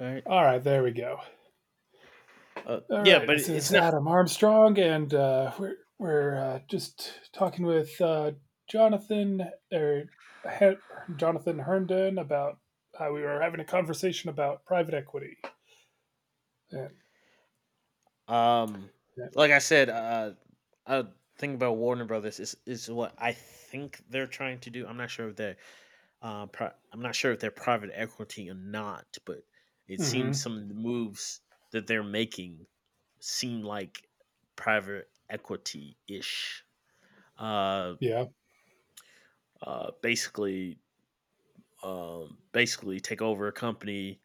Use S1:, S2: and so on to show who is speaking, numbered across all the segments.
S1: Right.
S2: All right, there we go. All
S1: Yeah,
S2: right,
S1: but
S2: this
S1: it's
S2: is
S1: not.
S2: Adam Armstrong, and we're just talking with Jonathan or Her- Jonathan Herndon about how we were having a conversation about private equity. And,
S1: Um,
S2: yeah.
S1: like I said, a thing about Warner Brothers is what I think they're trying to do. I'm not sure if they're private equity or not, but it seems
S2: hmm
S1: some of the moves that they're making seem like private equity ish. Uh,
S2: Yeah.
S1: uh, basically, Basically take over a company,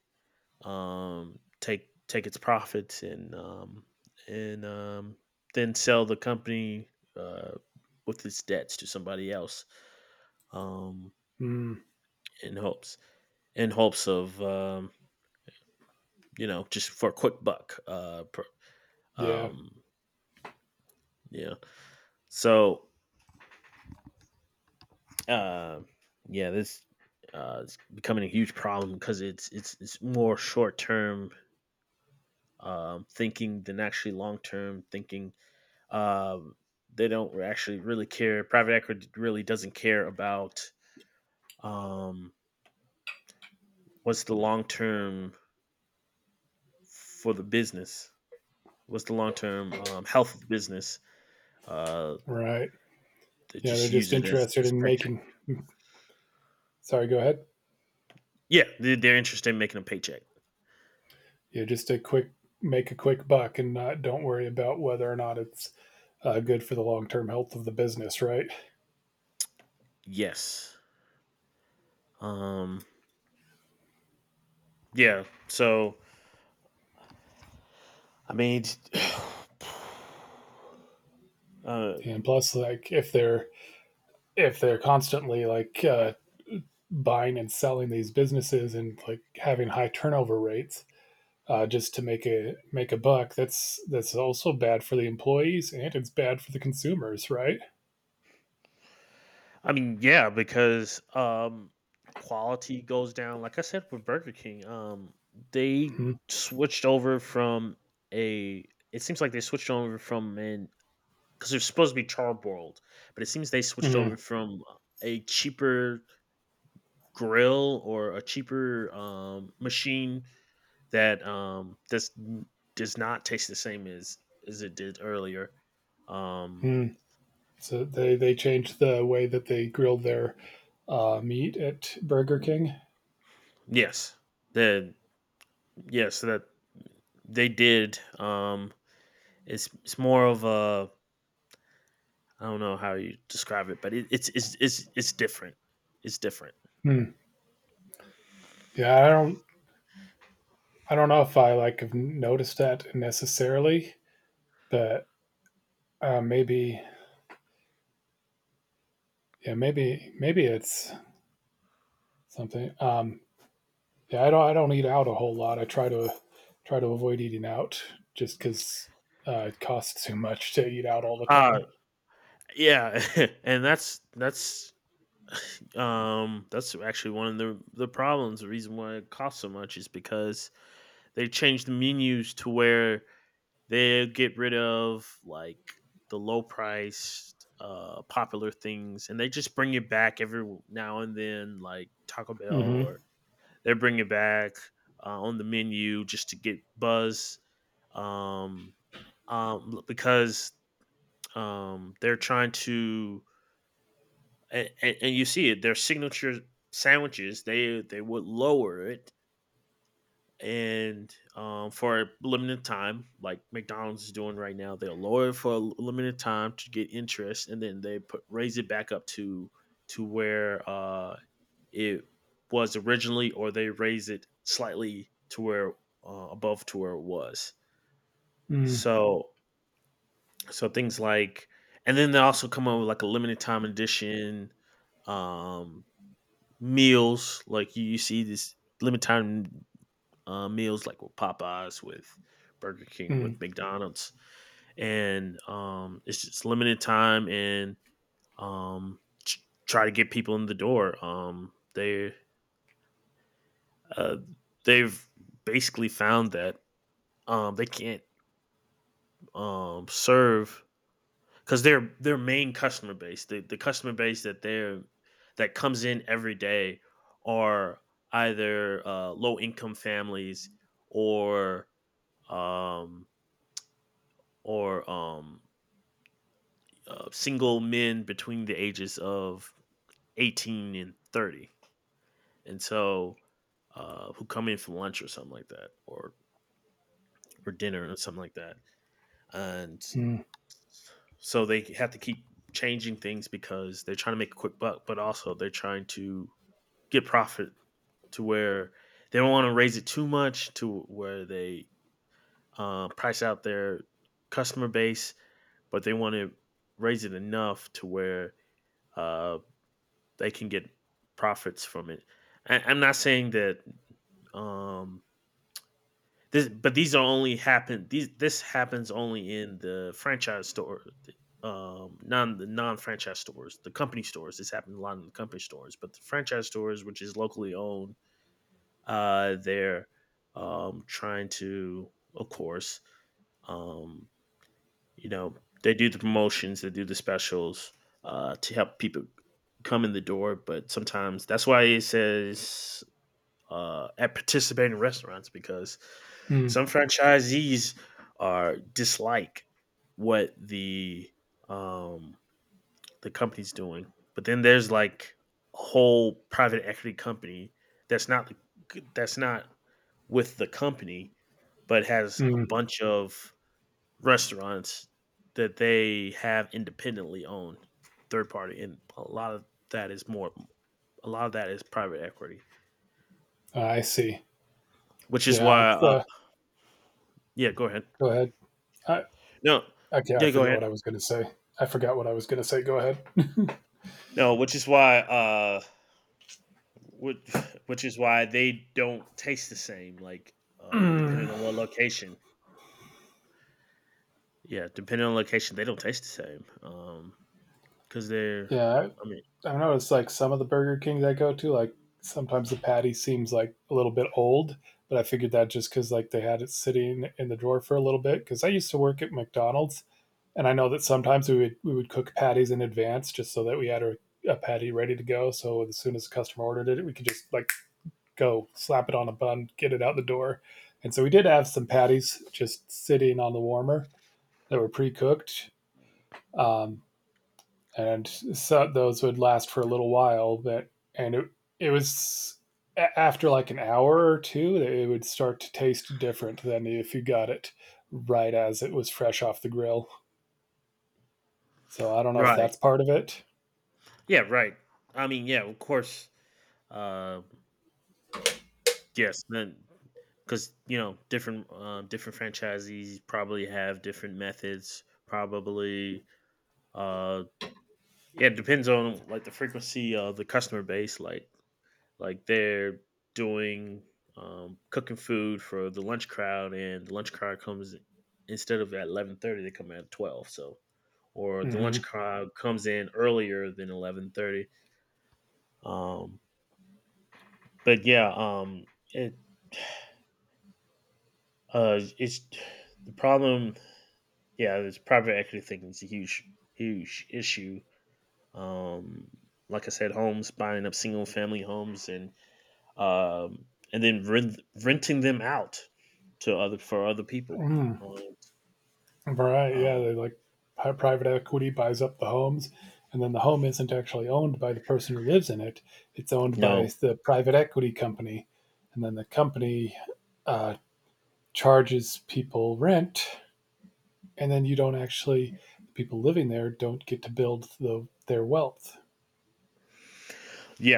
S1: take its profits, and then sell the company, uh, with its debts to somebody else, um,
S2: Mm,
S1: in hopes in hopes of, just for a quick buck.
S2: yeah.
S1: Um, yeah, so uh, yeah, this is becoming a huge problem, because it's more short term, thinking than actually long term thinking. Um, they don't actually really care. Private equity really doesn't care about, um, what's the long term for the business, what's the long term health of the business. Uh,
S2: Right.
S1: they
S2: Yeah,
S1: just
S2: they're
S1: use
S2: just
S1: it as
S2: interested in
S1: paycheck.
S2: making. Sorry, go ahead.
S1: Yeah, they're interested in making a paycheck.
S2: Yeah, just a quick make a quick buck, and not don't worry about whether or not it's good for the long term health of the business, right?
S1: Yes. Um, yeah. So I mean, uh,
S2: And plus, like if they're constantly like buying and selling these businesses and like having high turnover rates, just to make a buck. That's also bad for the employees, and it's bad for the consumers, right?
S1: I mean, yeah, because quality goes down. Like I said with Burger King, they
S2: Mm-hmm.
S1: switched over from a it seems like they switched over from an, because they're supposed to be charboiled, but it seems they switched over from a cheaper grill, or a cheaper machine that does not taste the same as it did earlier. Um
S2: Mm-hmm. So they changed the way that they grilled their meat at Burger King.
S1: yes. That. Yes, that. They did. It's more of a, I don't know how you describe it, but it's different. It's different.
S2: Hmm. Yeah, I don't know if I like have noticed that necessarily, but maybe maybe it's something. Yeah, I don't. I don't eat out a whole lot. I try to avoid eating out just because it costs too much to eat out all the
S1: Uh
S2: time.
S1: yeah, and that's that's actually one of the problems. The reason why it costs so much is because they changed the menus to where they get rid of like the low priced popular things, and they just bring it back every now and then, like Taco Bell.
S2: Mm-hmm.
S1: Or they're bringing back, on the menu, just to get buzz, um, because, they're trying to. And you see it, their signature sandwiches, they would lower it. And, for a limited time, like McDonald's is doing right now, they'll lower it for a limited time to get interest, and then they put raise it back up to where, it was originally, or they raised it slightly to where, above to where it was.
S2: Mm,
S1: So so, things like, and then they also come up with like a limited time edition um, meals. Like you see this limited time, meals, like with Popeyes, with Burger King,
S2: mm,
S1: with McDonald's. And it's just limited time, and um, tr- try to get people in the door. Uh, they've basically found that, they can't, serve, because their main customer base, the customer base that comes in every day, are either low income families, or um, or single men between the ages of 18 and 30, and so, who come in for lunch or something like that, or dinner or something like that. And
S2: mm,
S1: so they have to keep changing things because they're trying to make a quick buck, but also they're trying to get profit to where they don't want to raise it too much, to where they, price out their customer base, but they want to raise it enough to where, uh, they can get profits from it. I'm not saying that, um, but these are only happen. These This happens only in the franchise store, non the non franchise stores, the company stores. This happens a lot in the company stores, but the franchise stores, which is locally owned, they're, trying to, of course, um, you know, they do the promotions, they do the specials, to help people come in the door. But sometimes that's why it says, at participating restaurants, because
S2: mm,
S1: some franchisees are dislike what um, the company's doing, but then there's like a whole private equity company that's not that's not with the company, but has a
S2: mm.
S1: bunch of restaurants that they have independently owned, third party, and a lot of that is more. A lot of that is private equity,
S2: I see.
S1: which is
S2: Yeah.
S1: why.
S2: It's,
S1: Yeah, go ahead.
S2: go ahead. I
S1: No.
S2: Okay. I
S1: Yeah, go
S2: forget what
S1: ahead.
S2: I was going to say. I forgot what I was going to say. Go ahead.
S1: No, which which is why they don't taste the same, like, depending on what location. Yeah, depending on location, they don't taste the same. Because 'cause they're,
S2: Yeah.
S1: I mean.
S2: I don't know. It's like some of the Burger Kings I go to, like sometimes the patty seems like a little bit old, but I figured that just because like they had it sitting in the drawer for a little bit. Because I used to work at McDonald's, and I know that sometimes we would cook patties in advance just so that we had a patty ready to go. So as soon as the customer ordered it, we could just like go slap it on a bun, get it out the door. And so we did have some patties just sitting on the warmer that were pre cooked. Um, and so those would last for a little while. But and it was, after like an hour or two, it would start to taste different than if you got it right as it was fresh off the grill. So I don't know if
S1: Right.
S2: that's part of it.
S1: Yeah, right. I mean, yeah, of course, uh, yes. Then, because different franchisees probably have different methods, probably. uh yeah, it depends on, like, the frequency of the customer base. Like they're doing cooking food for the lunch crowd, and the lunch crowd comes instead of at 11:30, they come at 12. So, or the lunch
S2: Hmm
S1: crowd comes in earlier than 11:30. Um, but yeah, it it's the problem. Yeah, this private equity thing is a huge, huge issue. Um, like I said, homes buying up single family homes, um, and then renting them out to other for other people.
S2: Mm.
S1: Um,
S2: Right? Yeah,
S1: um,
S2: they like private equity buys up the homes, and then the home isn't actually owned by the person who lives in it. It's owned by
S1: no,
S2: the private equity company, and then the company uh, charges people rent, and then you don't actually the people living there don't get to build their wealth,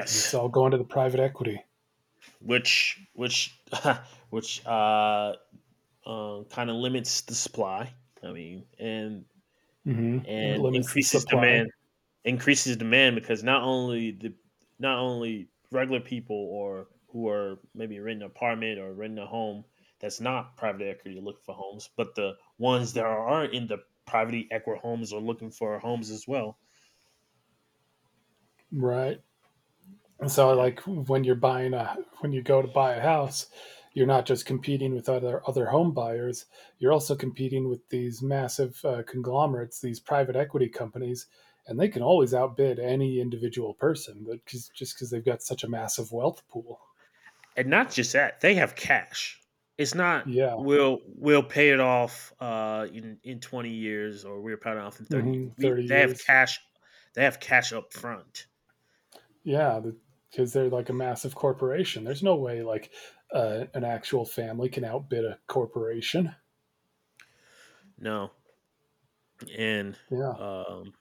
S2: 'cause it's all going to the private equity.
S1: which which kind of limits the supply. I mean, and
S2: Hmm it
S1: and
S2: limits the
S1: increases
S2: supply.
S1: demand. Increases demand because not only regular people or who are maybe renting an apartment or renting a home that's not private equity looking for homes, but the ones that are in the private equity homes are looking for homes as well.
S2: Right, and so
S1: Yeah,
S2: like when you're buying a, when you go to buy a house, you're not just competing with other home buyers, you're also competing with these massive conglomerates, these private equity companies. And they can always outbid any individual person, but just because they've got such a massive wealth pool.
S1: and not just that, they have cash. It's not
S2: Yeah.
S1: we'll pay it off, in 20 years, or we're paying it off in 30.
S2: hmm
S1: We
S2: 30
S1: They have
S2: years.
S1: cash. They have cash up front.
S2: Yeah, because they're like a massive corporation. There's no way like an actual family can outbid a corporation.
S1: No, and
S2: Yeah.
S1: um,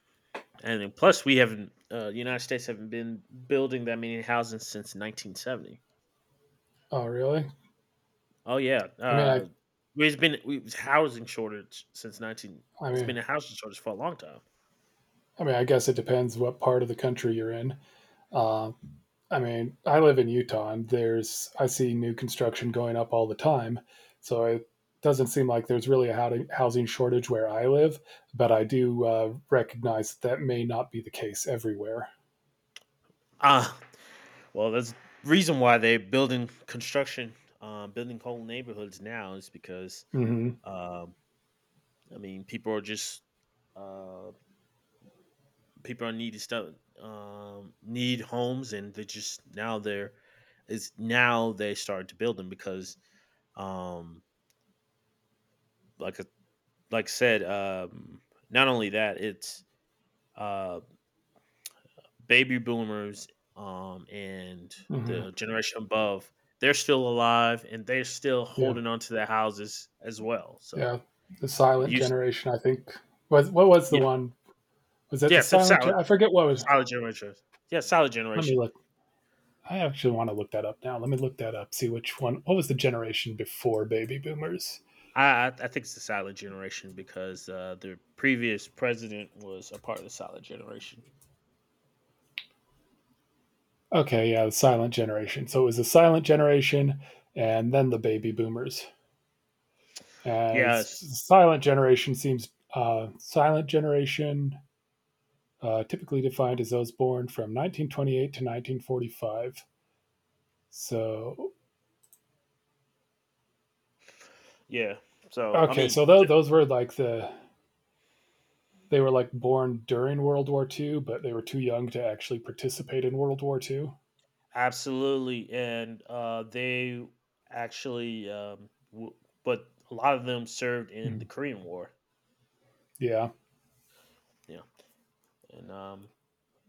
S1: And then plus, we haven't, the United States haven't been building that many houses since 1970.
S2: Oh, really?
S1: Oh, yeah.
S2: I mean, I,
S1: It's housing shortage since 19,
S2: I
S1: it's been
S2: mean,
S1: a housing shortage for a long time.
S2: I mean, I guess it depends what part of the country you're in. Uh, I mean, I live in Utah, and there's I see new construction going up all the time, so it doesn't seem like there's really a housing shortage where I live. But I do recognize that, that may not be the case everywhere.
S1: Ah, well, that's the reason why they're building construction, building whole neighborhoods now, is because,
S2: Hmm
S1: um, I mean, uh, people are needed stuff, need homes, and they just now they're it's now they started to build them, because um like I- like I said, not only that, it's uh baby boomers, and the
S2: hmm
S1: generation above, they're still alive, and they're still
S2: Yeah.
S1: holding on to their houses as well. So
S2: Yeah, the Silent
S1: you s-
S2: Generation. I think was what was the
S1: y-
S2: one? Was that the
S1: yes, it's
S2: Silent?
S1: solid
S2: I forget what was.
S1: solid generation, yeah, solid
S2: Let me
S1: generation.
S2: look. I actually want to look that up now. Let me look that up. See which one. What was the generation before Baby Boomers?
S1: I think it's the silent generation, because the previous president was a part of the silent generation.
S2: Okay, yeah, the Silent Generation. So it was the Silent Generation, and then the Baby Boomers. And
S1: Yes,
S2: it's- Silent Generation seems Silent Generation typically defined as those born from 1928 to 1945. So
S1: yeah. So I
S2: okay,
S1: mean,
S2: so those were like the, they were like born during World War Two, but they were too young to actually participate in World War II.
S1: absolutely. And they actually, but a lot of them served in the
S2: Mhm.
S1: Korean War.
S2: Yeah.
S1: Yeah. and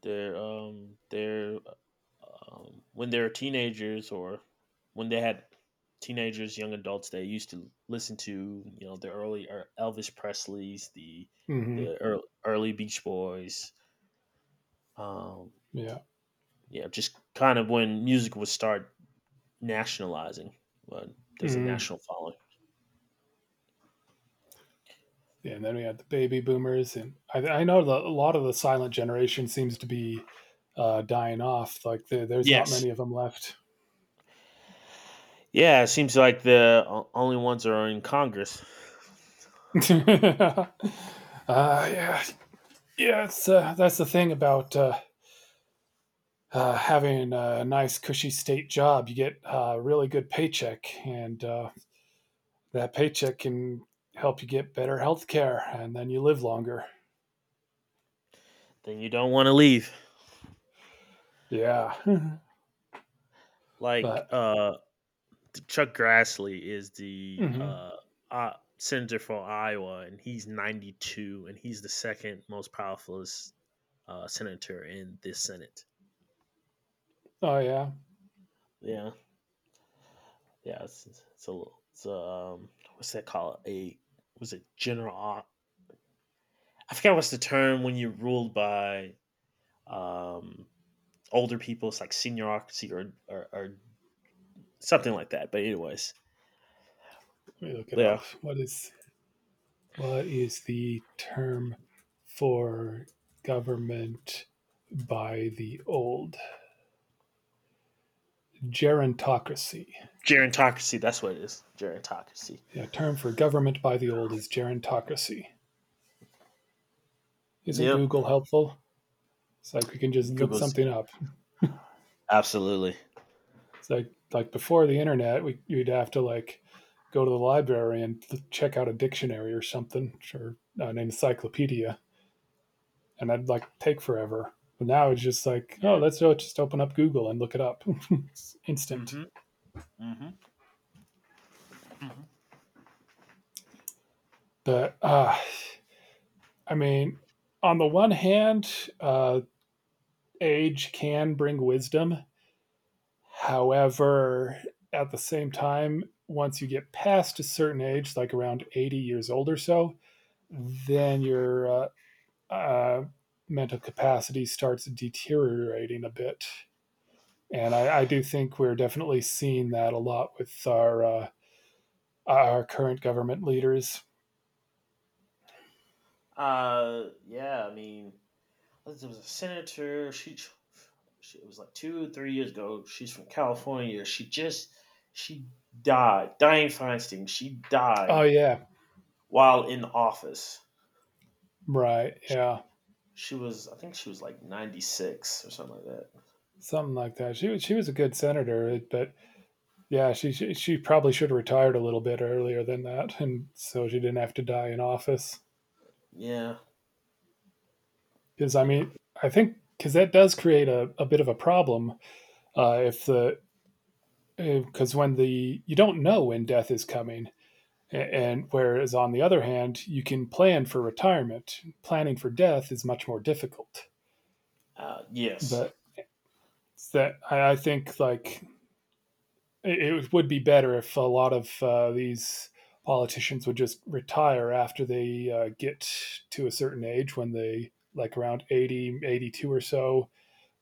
S1: they're When they're teenagers, or when they had teenagers, young adults, they used to listen to, the early, Elvis Presley's, the
S2: hmm
S1: the early, early Beach Boys, um,
S2: Yeah.
S1: yeah, just kind of when music would start nationalizing. But there's a
S2: Mhm.
S1: national following.
S2: Yeah, and then we had the baby boomers, and I know the, a lot of the silent generation seems to be dying off. Like there, there's not
S1: Yes,
S2: many of them left.
S1: yeah, it seems like the only ones that are in Congress.
S2: uh, yeah, yeah. It's, that's the thing about having a nice, cushy state job. You get a really good paycheck, and that paycheck can help you get better health care, and then you live longer.
S1: Then you don't want to leave.
S2: Yeah.
S1: Like,
S2: But
S1: Chuck Grassley is the
S2: mhm.
S1: uh, senator for Iowa, and he's 92, and he's the second most powerful senator in this Senate.
S2: Oh yeah.
S1: Yeah, yeah, it's a little, what's that called? A Was it general? I forget what's the term when you're ruled by, um, older people. It's like seniorocracy, or something like that. But anyways,
S2: Let me look it
S1: yeah,
S2: up. What is the term for government by the old? Gerontocracy.
S1: gerontocracy. That's what it is. Gerontocracy.
S2: Yeah, term for government by the old is gerontocracy. Isn't
S1: Yep.
S2: Google helpful? It's like we can just look
S1: Google's,
S2: something up.
S1: absolutely.
S2: It's like before the internet, we you'd have to like go to the library and check out a dictionary or something, or an encyclopedia, and that'd like take forever. But now it's just like, oh,
S1: Yeah.
S2: let's just open up Google and look it up, instant.
S1: Mhm. Mhm. Mhm.
S2: But I mean, on the one hand, uh, age can bring wisdom. However, at the same time, once you get past a certain age, like around 80 years old or so, then your uh, mental capacity starts deteriorating a bit. And I do think we're definitely seeing that a lot with our current government leaders.
S1: Yeah. I mean, there was a senator. She It was like two, 3 years ago. She's from California. She died. Diane Feinstein. She
S2: Oh
S1: died
S2: yeah,
S1: while in office.
S2: right,
S1: She,
S2: yeah,
S1: she was, I think, she was like 96 or something like that.
S2: something like that. She was a good senator, but yeah, she probably should have retired a little bit earlier than that, and so she didn't have to die in office.
S1: Yeah.
S2: Because I
S1: Yeah.
S2: mean, I think because that does create a bit of a problem if the, because when the you don't know when death is coming. And whereas on the other hand, you can plan for retirement. Planning for death is much more difficult.
S1: Yes.
S2: But that I think like it would be better if a lot of these politicians would just retire after they get to a certain age, when they like around 80, 82 or so,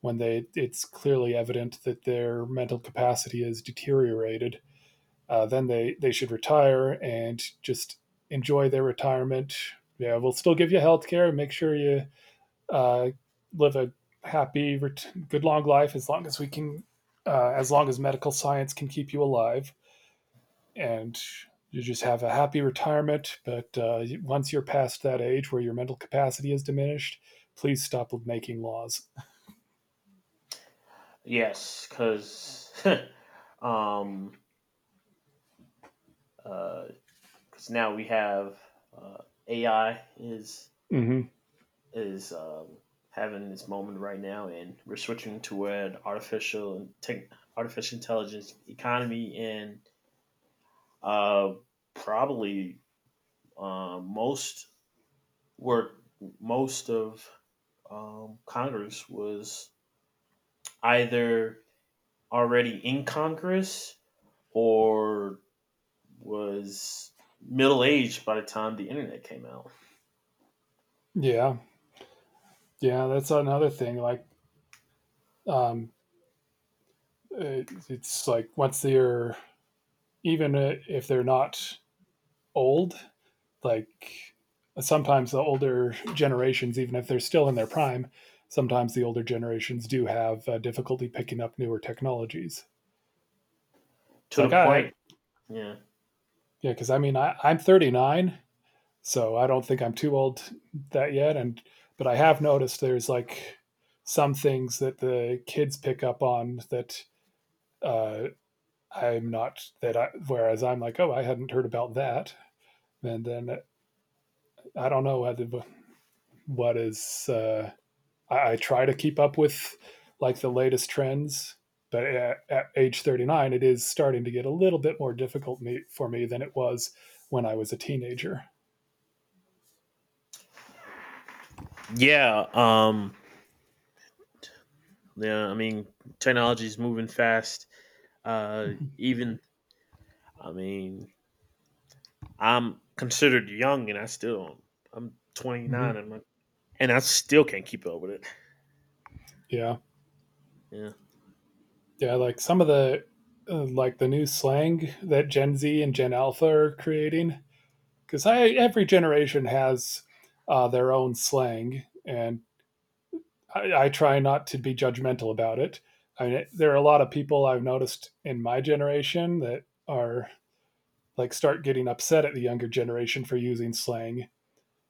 S2: when they it's clearly evident that their mental capacity has deteriorated. Then they should retire and just enjoy their retirement. Yeah, we'll still give you health care. Make sure you uh, live a happy, good long life as long as we can, as long as medical science can keep you alive, and you just have a happy retirement. But once you're past that age where your mental capacity is diminished, please stop making laws.
S1: Yes. Because, um, because now we have, uh, AI is
S2: Mm-hmm.
S1: is having this moment right now, and we're switching to an artificial intelligence economy, and uh, probably uh, most work, most of, Congress was either already in Congress, or was middle aged by the time the internet came out.
S2: Yeah, yeah, that's another thing. Like, um, it's like once they're, even if they're not old, like sometimes the older generations, even if they're still in their prime, sometimes the older generations do have difficulty picking up newer technologies. It's
S1: To
S2: like,
S1: the point, yeah,
S2: yeah, because I mean, I'm 39, so I don't think I'm too old that yet. And, but I have noticed there's like some things that the kids pick up on that uh, I'm not, that I, whereas I'm like, oh, I hadn't heard about that. And then I don't know whether what is I try to keep up with like the latest trends, but at age 39 it is starting to get a little bit more difficult for me than it was when I was a teenager.
S1: yeah, yeah. I mean, technology is moving fast. Uh, Even I mean, I'm considered young, and I'm 29,
S2: Hmm
S1: and I still can't keep up with it.
S2: yeah,
S1: Yeah,
S2: yeah, like some of the like the new slang that gen z and gen alpha are creating, because every generation has their own slang. And I try not to be judgmental about it. I mean, there are a lot of people I've noticed in my generation that are like start getting upset at the younger generation for using slang.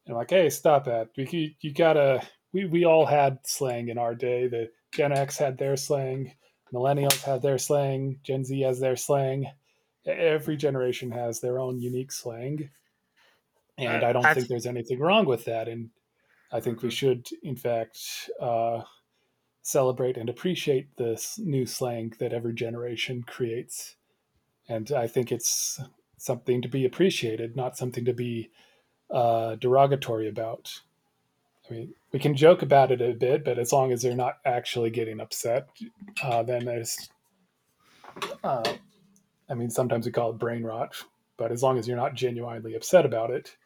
S2: And I'm like, hey, stop that. You gotta. We all had slang in our day. The Gen X had their slang. Millennials have their slang. Gen Z has their slang. Every generation has their own unique slang, and
S1: I,
S2: I don't
S1: I
S2: think
S1: th-
S2: there's anything wrong with that. And I think we
S1: mhm.
S2: should, in fact, celebrate and appreciate this new slang that every generation creates. And I think it's something to be appreciated, not something to be derogatory about. I mean, we can joke about it a bit, but as long as they're not actually getting upset, then there's, uh, I mean, sometimes we call it brain rot, but as long as you're not genuinely upset about it,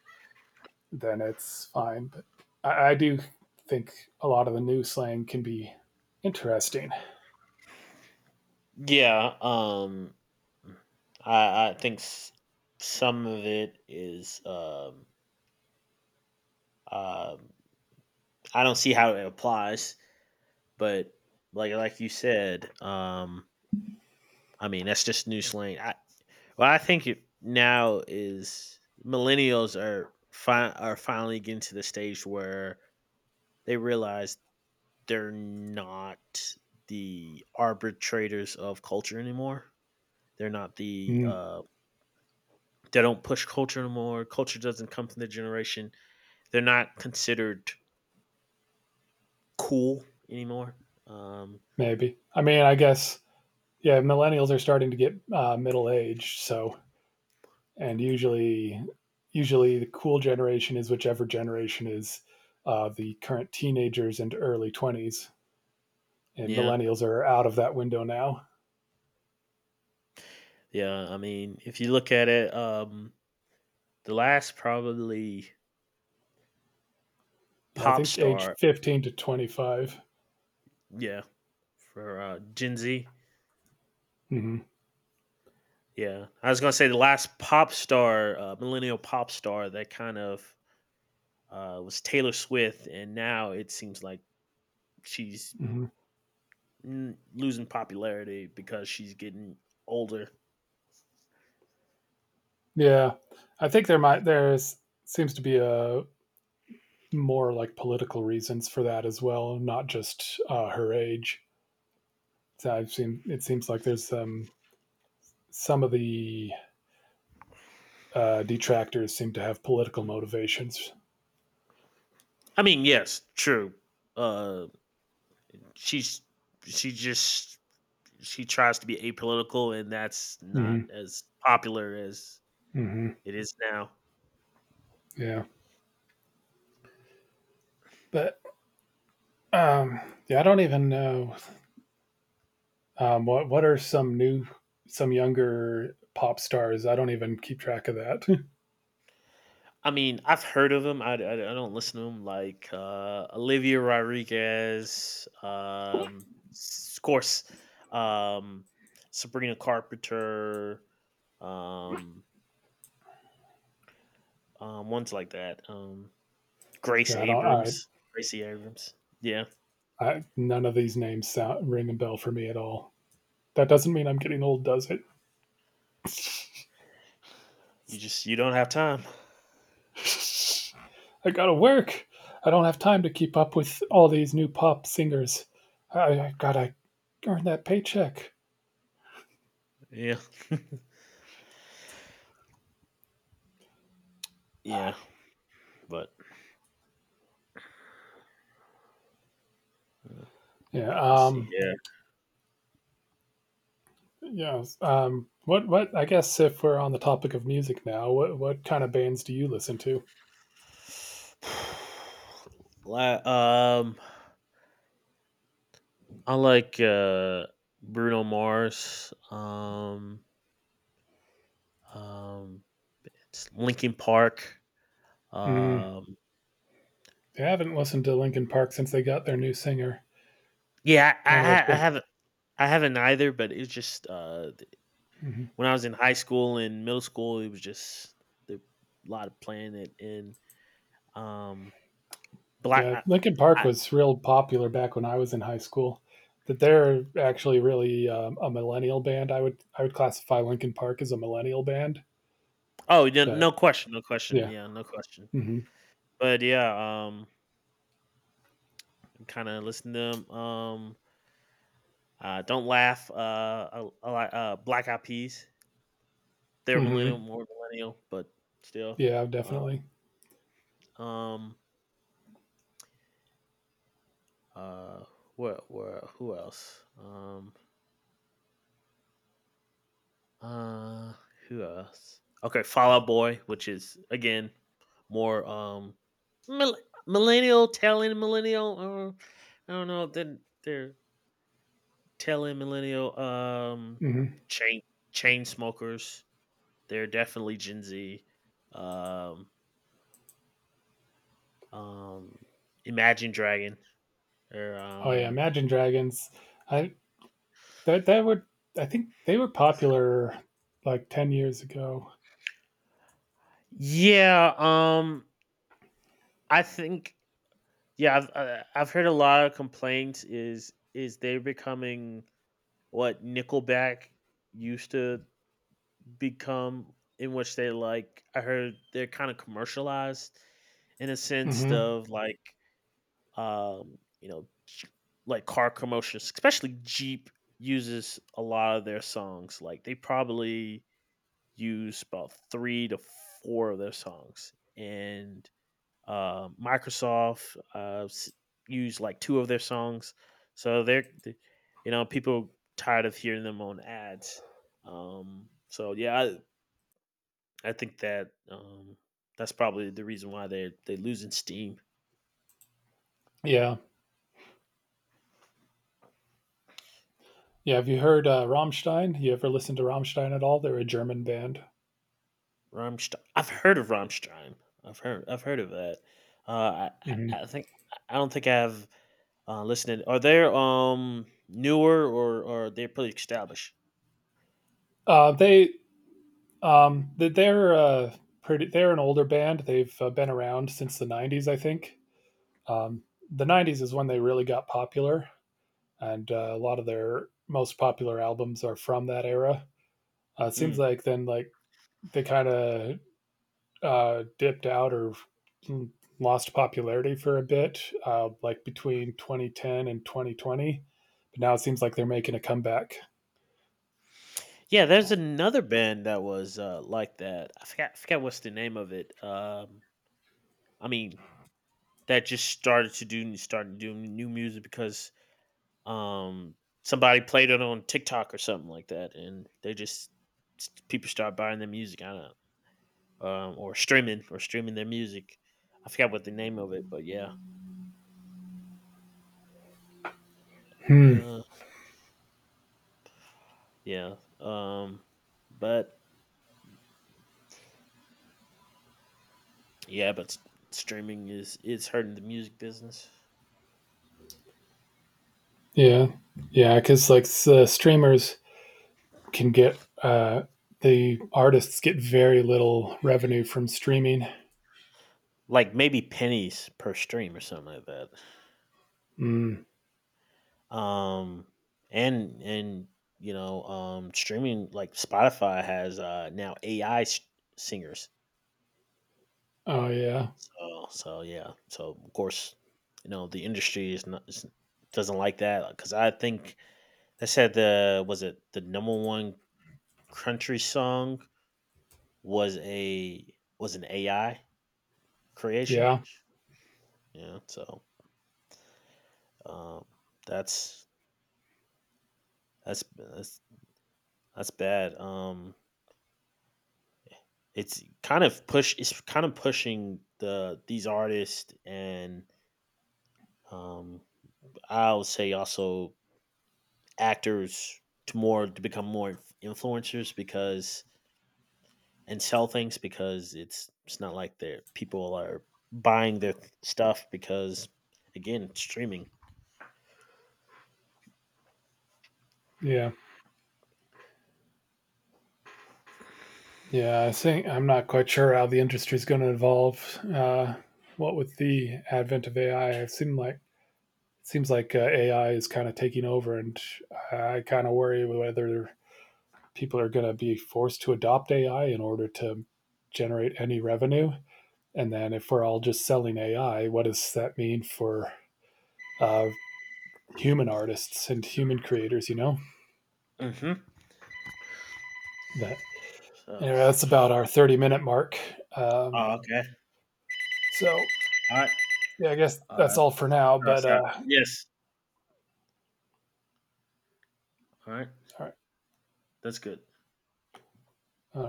S2: then it's fine. But I do think a lot of the new slang can be interesting.
S1: Yeah. I think, some of it is, um, I don't see how it applies, but like you said, I mean that's just new slang. Well, I think it now is, millennials are finally getting to the stage where they realize they're not the arbitrators of culture anymore. They're not
S2: Mm,
S1: they don't push culture anymore. Culture doesn't come from the generation. They're not considered cool anymore. Um,
S2: maybe. I mean, I guess, yeah, millennials are starting to get middle aged, so and usually the cool generation is whichever generation is the current teenagers and early twenties, and
S1: yeah,
S2: millennials are out of that window now.
S1: yeah. I mean, if you look at it, the last probably
S2: Yeah, I
S1: pop
S2: think age
S1: star,
S2: 15 to 25.
S1: yeah, for Gen Z.
S2: Mm-hmm.
S1: Yeah, I was gonna say the last pop star, millennial pop star that kind of was Taylor Swift, and now it seems like she's
S2: hmm
S1: mm, losing popularity because she's getting older.
S2: Yeah, I think there might there's seems to be a more like political reasons for that as well, not just her age. So I've seen it seems like there's some of the detractors seem to have political motivations.
S1: I mean, yes, true. Uh, she's she just she tries to be apolitical, and that's not
S2: Mm-hmm.
S1: as popular as
S2: Mm-hmm.
S1: it is now.
S2: Yeah, but um, yeah, I don't even know what are some new, some younger pop stars. I don't even keep track of that.
S1: I mean, I've heard of them. I don't listen to them like Olivia Rodriguez, of course, um, Sabrina Carpenter, um, ones like that. Grace
S2: Yeah, I don't.
S1: Abrams, Gracie Abrams. Yeah,
S2: I none of these names sound ring a bell for me at all. That doesn't mean I'm getting old, does it?
S1: you just you don't have time.
S2: I gotta work. I don't have time to keep up with all these new pop singers. I gotta earn that paycheck.
S1: Yeah, yeah, but mm,
S2: Yeah.
S1: let's see. Yeah.
S2: Yes. What I guess if we're on the topic of music now, what kind of bands do you listen to?
S1: La- um, I like Bruno Mars. Um, s Linkin Park,
S2: Mm,
S1: um
S2: I haven't listened to Linkin Park since they got their new singer.
S1: yeah,
S2: Kind
S1: I,
S2: of
S1: ha
S2: a
S1: I haven't either, but it was just, th
S2: mhm.
S1: when I was in high school and middle school, it was just the a lot of playing it in, um, black
S2: Yeah. Linkin Park
S1: I
S2: was real popular back when I was in high school. That they're actually really a millennial band. I would classify Linkin Park as a millennial band.
S1: Oh, yeah,
S2: But
S1: no question, no question,
S2: yeah.
S1: yeah, no question.
S2: hmm
S1: But, yeah, kinda listen to them. Don't Laugh, I like, Black Eyed Peas. They're millennial,
S2: hmm
S1: more millennial, but still,
S2: Yeah,
S1: uh,
S2: definitely.
S1: um Uh, what? Where, who else? Uh, who else? Okay, Fallout Boy, which is again more um mill- millennial telling millennial. Or, I don't know. Then they're telling millennial
S2: Hmm
S1: chain chain smokers. They're definitely Gen Z. Um, um, Imagine Dragon. Or
S2: Oh yeah, Imagine Dragons. I That that would I think they were popular like 10 years ago.
S1: Yeah. I think yeah, I've heard a lot of complaints is they're becoming what Nickelback used to become, in which they like I heard they're kind of commercialized in a sense
S2: Hmm
S1: of like you know like car commercials. Especially Jeep uses a lot of their songs. Like they probably use about 3 to 4 of their songs, and Microsoft used like two of their songs, so they're you know people tired of hearing them on ads. So yeah, I think that that's probably the reason why they are losing steam.
S2: Yeah, yeah. Have you heard Rammstein? You ever listened to Rammstein at all? They're a German band.
S1: Rammstein. I've heard of Rammstein. I've heard of that. Uh, I,
S2: Hmm
S1: I think I don't think I've listened. Are they newer or they're pretty established?
S2: Uh, they they're pretty. They're an older band. They've been around since the '90s, I think. Um, the '90s is when they really got popular, and a lot of their most popular albums are from that era. It seems
S1: Hmm.
S2: like then like they kind of dipped out or lost popularity for a bit, like between 2010 and 2020. But now it seems like they're making a comeback.
S1: Yeah, there's another band that was like that. I forgot what's the name of it. I mean, that just started to do started doing new music because um, somebody played it on TikTok or something like that, and they just people start buying their music. I don't know, or streaming their music. I forgot what the name of it, but yeah,
S2: Hmm.
S1: uh, yeah. Um, but yeah, streaming is hurting the music business.
S2: Yeah, yeah, because like the streamers can get the artists get very little revenue from streaming.
S1: Like maybe pennies per stream or something like that.
S2: Mm.
S1: Um, and you know, streaming like Spotify has now AI singers.
S2: Oh yeah,
S1: So so yeah. So of course, you know the industry is not is, doesn't like that because I think they said the was it the number one country song was a was an AI creation.
S2: yeah,
S1: Yeah. So um, that's that's that's that's bad. It's kind of pushing the these artists and um I would say also actors to more to become more influencers, because and sell things because it's not like they're people are buying their stuff because again it's streaming.
S2: yeah, yeah. I think I'm not quite sure how the industry is going to evolve. What with the advent of AI, it seemed like it seems like AI is kind of taking over, and I kind of worry whether people are going to be forced to adopt AI in order to generate any revenue. And then if we're all just selling AI, what does that mean for uh, human artists and human creators? You know
S1: Hmm,
S2: that.
S1: so
S2: Anyway, that's about our 30-minute mark. Um,
S1: oh okay,
S2: so
S1: all right,
S2: yeah, I guess
S1: all
S2: that's
S1: right,
S2: all for now.
S1: so,
S2: But
S1: yes, all right, that's good.
S2: all right.